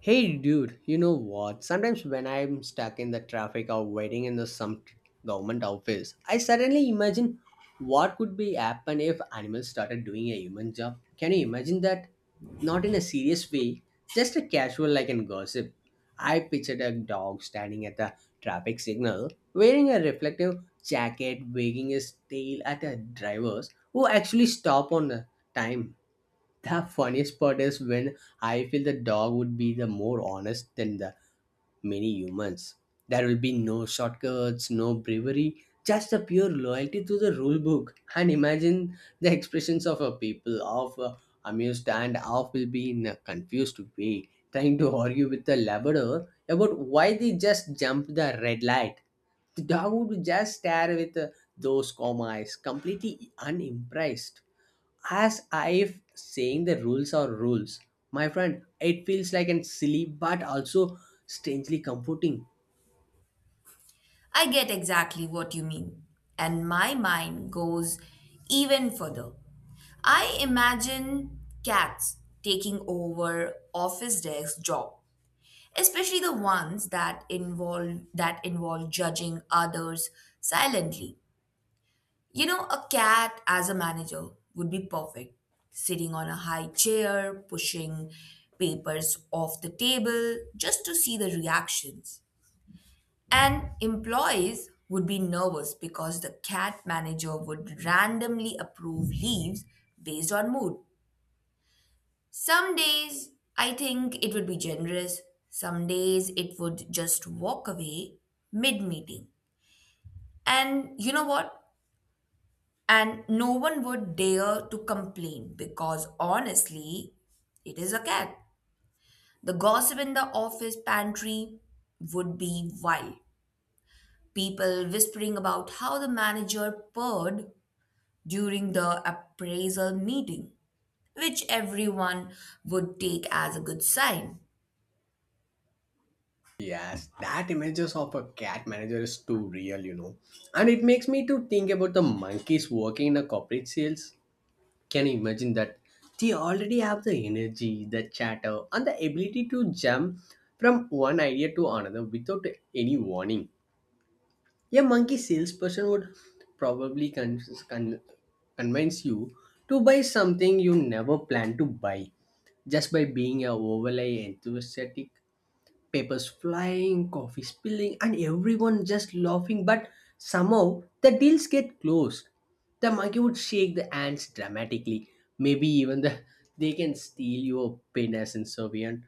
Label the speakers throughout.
Speaker 1: Hey dude, you know what? Sometimes when I'm stuck in the traffic or waiting in the some government office, I suddenly imagine what could be happen if animals started doing a human job. Can you imagine that? Not in a serious way, just a casual like in gossip. I pictured a dog standing at the traffic signal, wearing a reflective jacket, wagging his tail at the drivers who actually stop on the time. The funniest part is when I feel the dog would be the more honest than the many humans. There will be no shortcuts, no bravery, just a pure loyalty to the rule book. And imagine the expressions of a people of amused and half will be in a confused way, trying to argue with the Labrador about why they just jumped the red light. The dog would just stare with those calm eyes, completely unimpressed as if saying the rules are rules. My friend, it feels like an silly but also strangely comforting.
Speaker 2: I get exactly what you mean, and my mind goes even further. I imagine cats taking over office desk job, especially the ones that involve judging others silently. You know, a cat as a manager would be perfect, sitting on a high chair, pushing papers off the table just to see the reactions. And employees would be nervous because the cat manager would randomly approve leaves based on mood. Some days I think it would be generous, some days it would just walk away mid meeting. And you know what? And no one would dare to complain because honestly, it is a cat. The gossip in the office pantry would be wild. People whispering about how the manager purred during the appraisal meeting, which everyone would take as a good sign.
Speaker 1: Yes, that images of a cat manager is too real, you know. And it makes me to think about the monkeys working in a corporate sales. Can you imagine that? They already have the energy, the chatter, and the ability to jump from one idea to another without any warning. A monkey salesperson would probably con- convince you to buy something you never planned to buy just by being a overly enthusiastic, papers flying, coffee spilling, and everyone just laughing. But somehow the deals get closed. The monkey would shake the hands dramatically. Maybe even the they can steal your pin as Soviet.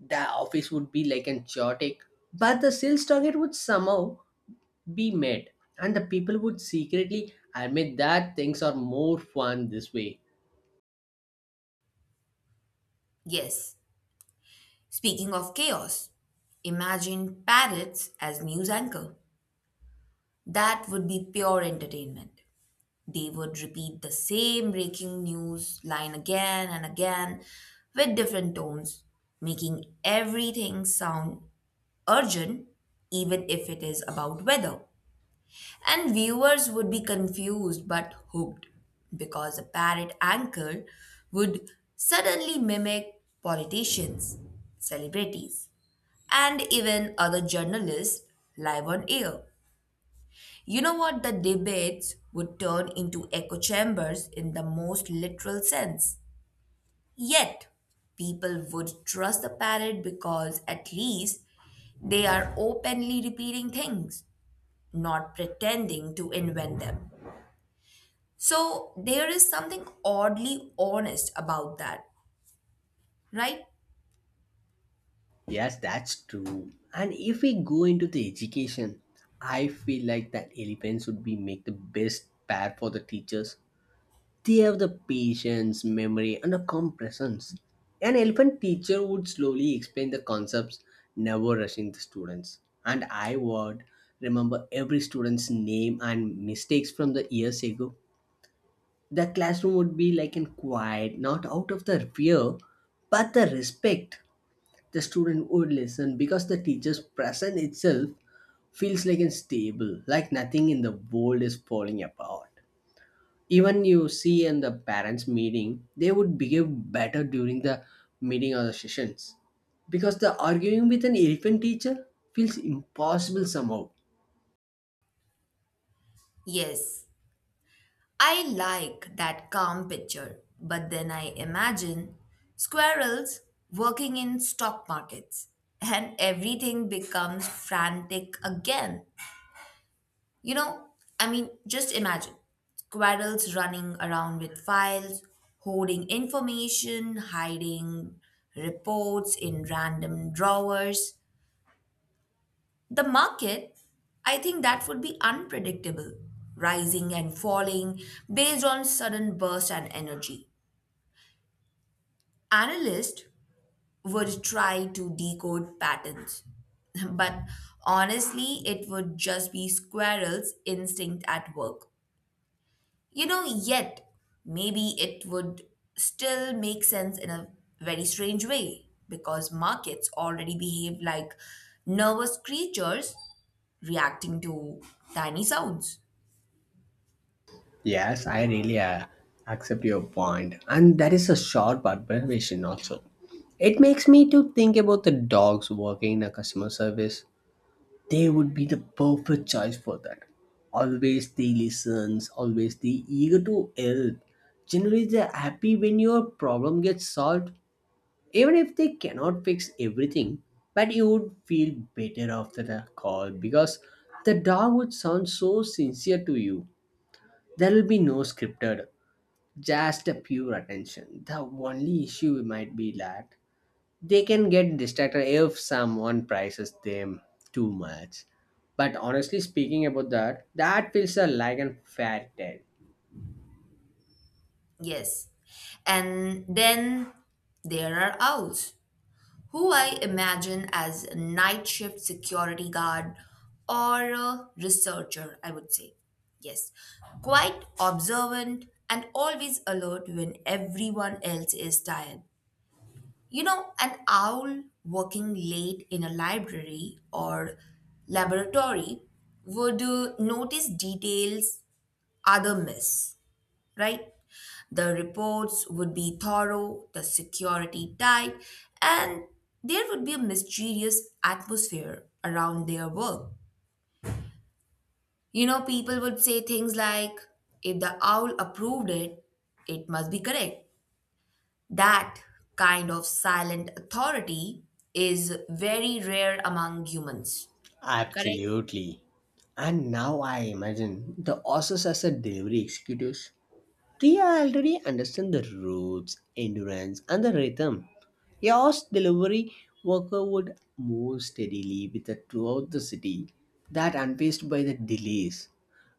Speaker 1: The office would be like an chaotic, but the sales target would somehow be made and the people would secretly admit that things are more fun this way.
Speaker 2: Yes, speaking of chaos, imagine parrots as news anchor. That would be pure entertainment. They would repeat the same breaking news line again and again with different tones, making everything sound urgent, even if it is about weather. And viewers would be confused but hooked because a parrot anchor would suddenly mimic politicians, celebrities, and even other journalists live on air. You know what? The debates would turn into echo chambers in the most literal sense. Yet, people would trust the parrot because at least they are openly repeating things, not pretending to invent them. So there is something oddly honest about that, right?
Speaker 1: Yes, that's true, and if we go into the education, I feel like that elephants would be make the best pair for the teachers. They have the patience memory and the calm presence. An elephant teacher would slowly explain the concepts, never rushing the students, and I would remember every student's name and mistakes from the years ago. The classroom would be like in quiet, not out of the fear, but the respect. The student would listen because the teacher's presence itself feels like unstable, like nothing in the world is falling apart. Even you see in the parents' meeting, they would behave better during the meeting or the sessions. Because the arguing with an elephant teacher feels impossible somehow.
Speaker 2: Yes, I like that calm picture, but then I imagine squirrels working in stock markets and everything becomes frantic again. You know, I mean, just imagine squirrels running around with files, hoarding information, hiding reports in random drawers. The market, I think that would be unpredictable, rising and falling based on sudden burst and energy. Analysts would try to decode patterns, but honestly, it would just be squirrel's instinct at work. You know, yet maybe it would still make sense in a very strange way because markets already behave like nervous creatures reacting to tiny sounds.
Speaker 1: Yes, I really accept your point, and that is a sharp observation also. It makes me to think about the dogs working in a customer service. They would be the perfect choice for that. Always they listens, always they eager to help. Generally, they're happy when your problem gets solved, even if they cannot fix everything. But you would feel better after the call because the dog would sound so sincere to you. There will be no scripted just a pure attention. The only issue might be that they can get distracted if someone prices them too much. But honestly speaking about that, that feels like a fair tale.
Speaker 2: Yes. And then there are owls who I imagine as a night shift security guard or a researcher, I would say. Yes, quite observant and always alert when everyone else is tired. You know, an owl working late in a library or laboratory would notice details other miss, right? The reports would be thorough, the security tight, and there would be a mysterious atmosphere around their work. You know, people would say things like, if the owl approved it, it must be correct. That kind of silent authority is very rare among humans. Correct?
Speaker 1: Absolutely. And now I imagine the authors as a delivery executives. Ria already understands the ropes, endurance, and the rhythm. Yours delivery worker would move steadily with her throughout the city, that unpaced by the delays,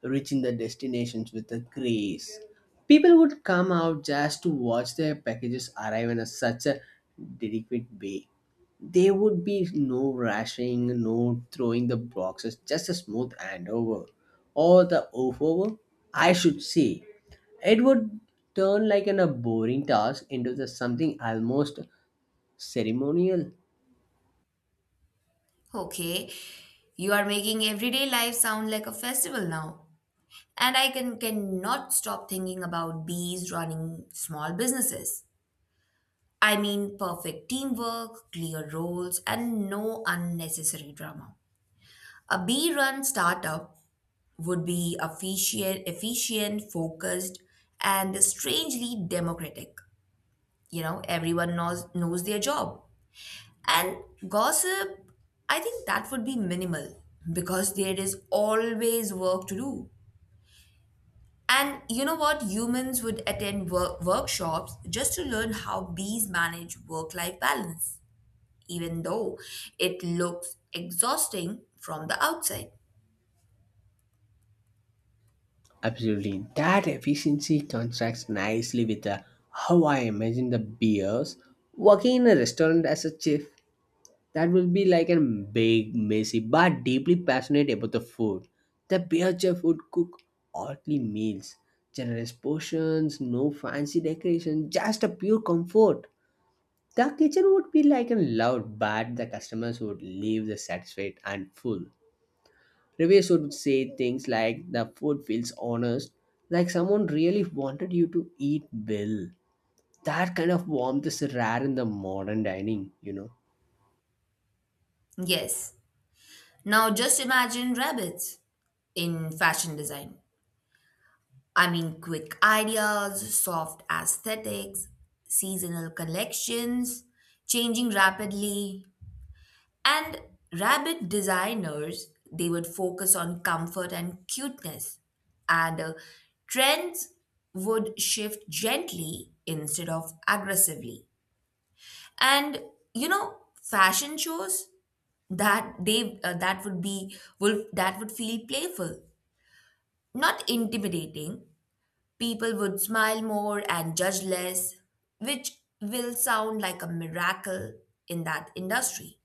Speaker 1: reaching the destinations with a grace. People would come out just to watch their packages arrive in a, such a delicate way. There would be no rushing, no throwing the boxes, just a smooth handover, or the over, I should say. It would turn like an, a boring task into the something almost ceremonial.
Speaker 2: Okay. You are making everyday life sound like a festival now. And I cannot stop thinking about bees running small businesses. I mean, perfect teamwork, clear roles, and no unnecessary drama. A bee-run startup would be efficient, focused, and strangely democratic. You know, everyone knows their job. And gossip, I think that would be minimal because there is always work to do. And you know what? Humans would attend workshops just to learn how bees manage work life balance, even though it looks exhausting from the outside.
Speaker 1: Absolutely, that efficiency contrasts nicely with how I imagine the beers working in a restaurant as a chef. That will be like a big, messy, but deeply passionate about the food. The beer chef would cook earthly meals, generous portions, no fancy decoration, just a pure comfort. The kitchen would be like a loud, but the customers would leave the satisfied and full. Reviews would say things like the food feels honest, like someone really wanted you to eat well. That kind of warmth is rare in the modern dining, you know.
Speaker 2: Yes. Now just imagine rabbits in fashion design. I mean, quick ideas, soft aesthetics, seasonal collections, changing rapidly, and rabbit designers, they would focus on comfort and cuteness, and trends would shift gently instead of aggressively. And you know, fashion shows that they that would be would that would feel playful, not intimidating. People would smile more and judge less, which will sound like a miracle in that industry.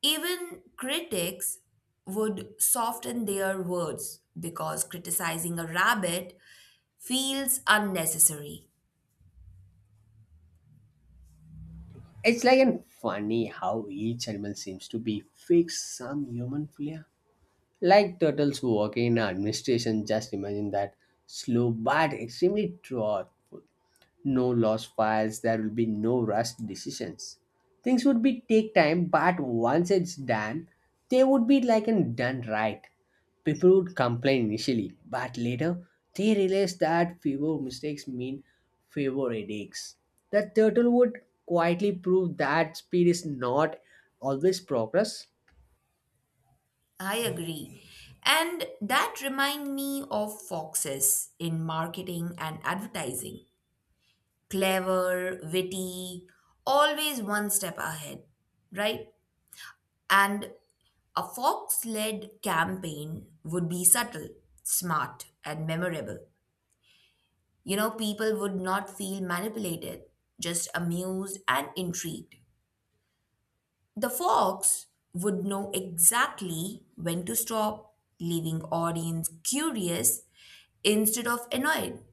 Speaker 2: Even critics would soften their words because criticizing a rabbit feels unnecessary.
Speaker 1: It's like and funny how each animal seems to be fixed some human flair. Like turtles working in administration, just imagine that slow but extremely thoughtful. No lost files, there will be no rushed decisions. Things would be take time, but once it's done, they would be like and done right. People would complain initially, but later they realize that fewer mistakes mean fewer headaches. That turtle would quietly prove that speed is not always progress.
Speaker 2: I agree. And that remind me of foxes in marketing and advertising. Clever, witty, always one step ahead, right? And a fox led campaign would be subtle, smart, and memorable. You know, people would not feel manipulated, just amused and intrigued. The fox would know exactly when to stop, leaving audience curious instead of annoyed.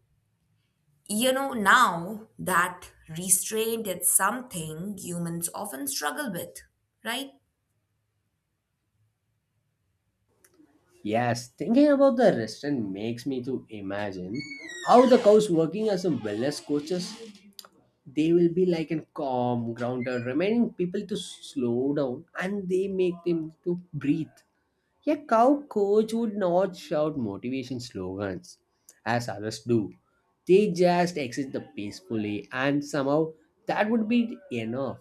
Speaker 2: You know, now that restraint is something humans often struggle with, right?
Speaker 1: Yes, thinking about the restaurant makes me to imagine how the cows working as a wellness coaches. They will be like a calm grounded, reminding people to slow down and they make them to breathe. A cow coach would not shout motivation slogans as others do. They just exit the peacefully, and somehow that would be enough.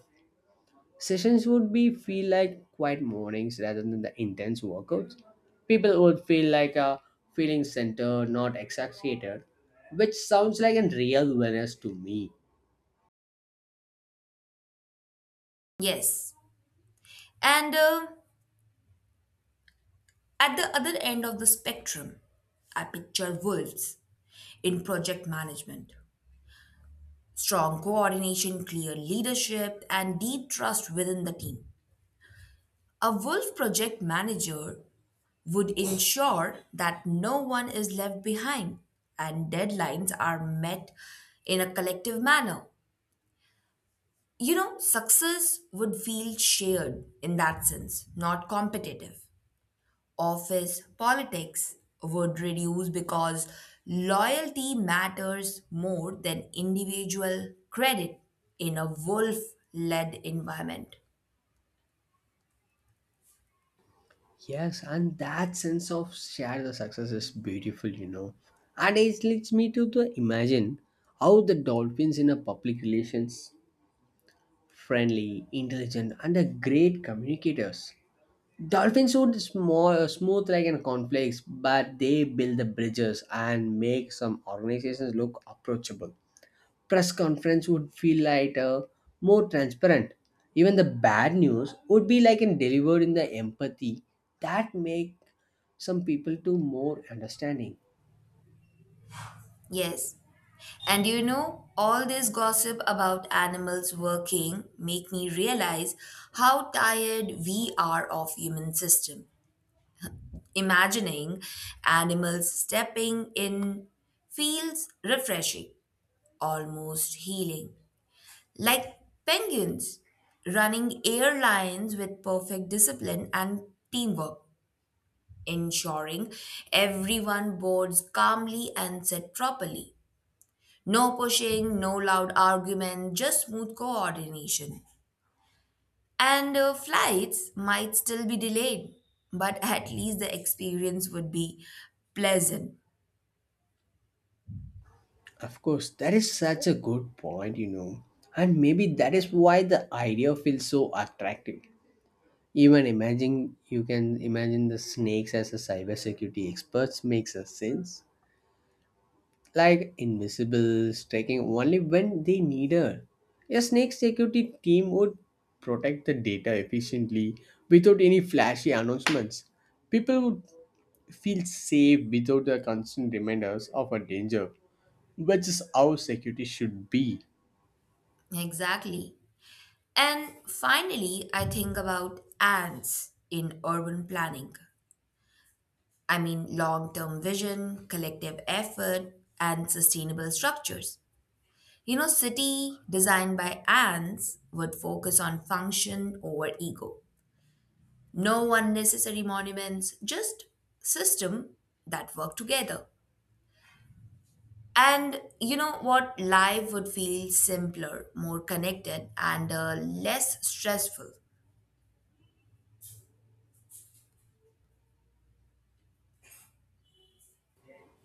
Speaker 1: Sessions would be feel like quiet mornings rather than the intense workouts. People would feel like a feeling center, not exaggerated, which sounds like a real wellness to me.
Speaker 2: Yes. And at the other end of the spectrum, I picture wolves in project management. Strong coordination, clear leadership, and deep trust within the team. A Wolf project manager would ensure that no one is left behind and deadlines are met in a collective manner. You know, success would feel shared in that sense, not competitive. Office politics would reduce because loyalty matters more than individual credit in a wolf led environment.
Speaker 1: Yes, and that sense of share the success is beautiful, you know. And it leads me to the imagine how the dolphins in a public relations friendly, intelligent, and a great communicators. Dolphins would small, smooth like an complex, but they build the bridges and make some organizations look approachable. Press conference would feel lighter, more transparent. Even the bad news would be like and delivered in the empathy that make some people to more understanding.
Speaker 2: Yes. And you know, all this gossip about animals working make me realize how tired we are of human system. Imagining animals stepping in feels refreshing, almost healing. Like penguins, running airlines with perfect discipline and teamwork, ensuring everyone boards calmly and sit properly. No pushing, no loud argument, just smooth coordination. And flights might still be delayed, but at least the experience would be pleasant.
Speaker 1: Of course, that is such a good point, you know. And maybe that is why the idea feels so attractive. Even imagine you can imagine the snakes as a cybersecurity experts makes a sense. Like invisible, striking only when they need her. A snake security team would protect the data efficiently without any flashy announcements. People would feel safe without the constant reminders of a danger, which is how security should be.
Speaker 2: Exactly. And finally, I think about ants in urban planning. I mean, long term vision, collective effort, and sustainable structures. You know, city designed by ants would focus on function over ego. No unnecessary monuments, just system that work together. And you know what? Life would feel simpler, more connected, and less stressful,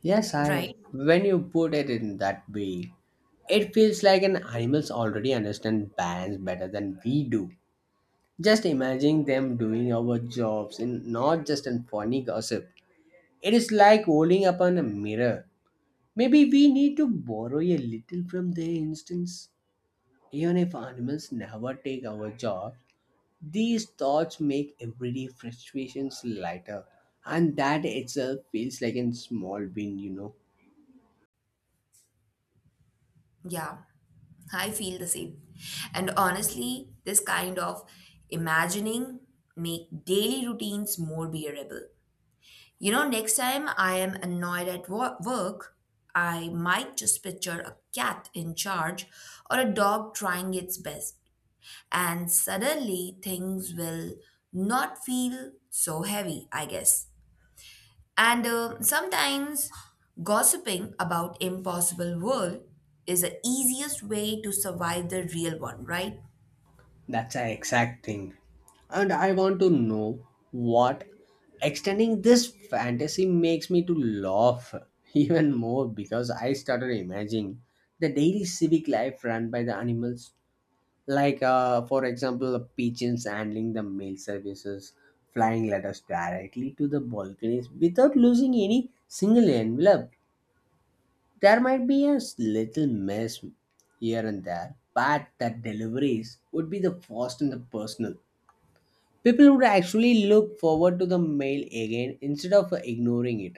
Speaker 1: Yes, I.
Speaker 2: right?
Speaker 1: When you put it in that way, it feels like an animals already understand balance better than we do. Just imagine them doing our jobs in not just in funny gossip. It is like holding up on a mirror. Maybe we need to borrow a little from their instincts. Even if animals never take our job, these thoughts make everyday frustrations lighter, and that itself feels like a small win, you know.
Speaker 2: Yeah, I feel the same. And honestly, this kind of imagining make daily routines more bearable. You know, next time I am annoyed at work, I might just picture a cat in charge or a dog trying its best. And suddenly things will not feel so heavy, I guess. And sometimes gossiping about impossible world is the easiest way to survive the real one, right?
Speaker 1: That's an exact thing. And I want to know what extending this fantasy makes me to laugh even more because I started imagining the daily civic life run by the animals, like, for example, pigeons handling the mail services, flying letters directly to the balconies without losing any single envelope. There might be a little mess here and there, but the deliveries would be the fast and the personal. People would actually look forward to the mail again instead of ignoring it.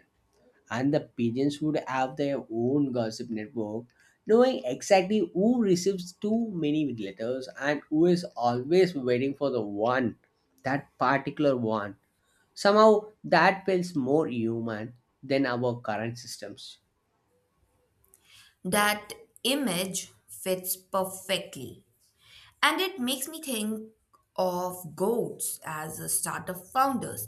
Speaker 1: And the pigeons would have their own gossip network, knowing exactly who receives too many letters and who is always waiting for the one, that particular one. Somehow that feels more human than our current systems.
Speaker 2: That image fits perfectly. And it makes me think of goats as a startup founders.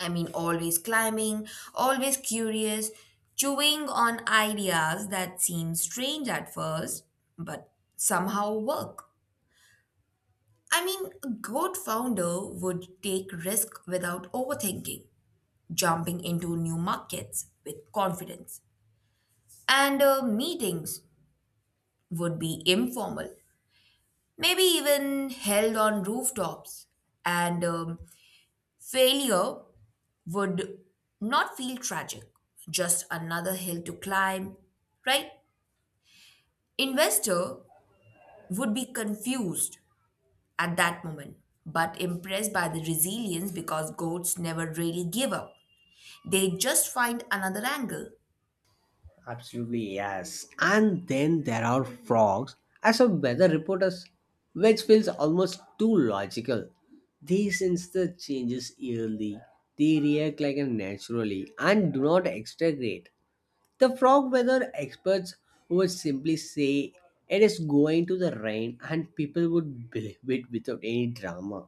Speaker 2: I mean, always climbing, always curious, chewing on ideas that seem strange at first, but somehow work. I mean, a good founder would take risk without overthinking, jumping into new markets with confidence. And meetings would be informal, maybe even held on rooftops. And failure would not feel tragic, just another hill to climb, right? Investor would be confused at that moment, but impressed by the resilience because goats never really give up. They just find another angle.
Speaker 1: Absolutely, yes. And then there are frogs. As a weather reporters, which feels almost too logical. They sense the changes yearly. They react like a naturally and do not exaggerate. The frog weather experts would simply say it is going to the rain, and people would believe it without any drama,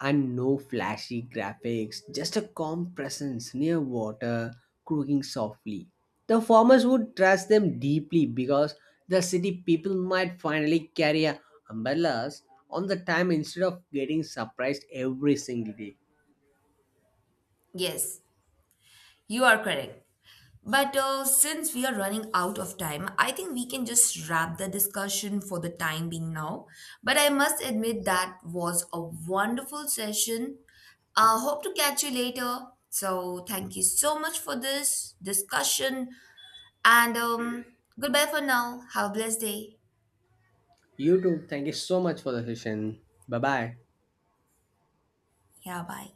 Speaker 1: and no flashy graphics, just a calm presence near water croaking softly. The farmers would trust them deeply because the city people might finally carry a umbrellas on the time instead of getting surprised every single day.
Speaker 2: Yes, you are correct. But since we are running out of time, I think we can just wrap the discussion for the time being now. But I must admit that was a wonderful session. Hope to catch you later. So thank you so much for this discussion and goodbye for now. Have a blessed day.
Speaker 1: You too. Thank you so much for the session. Bye bye.
Speaker 2: Yeah, bye.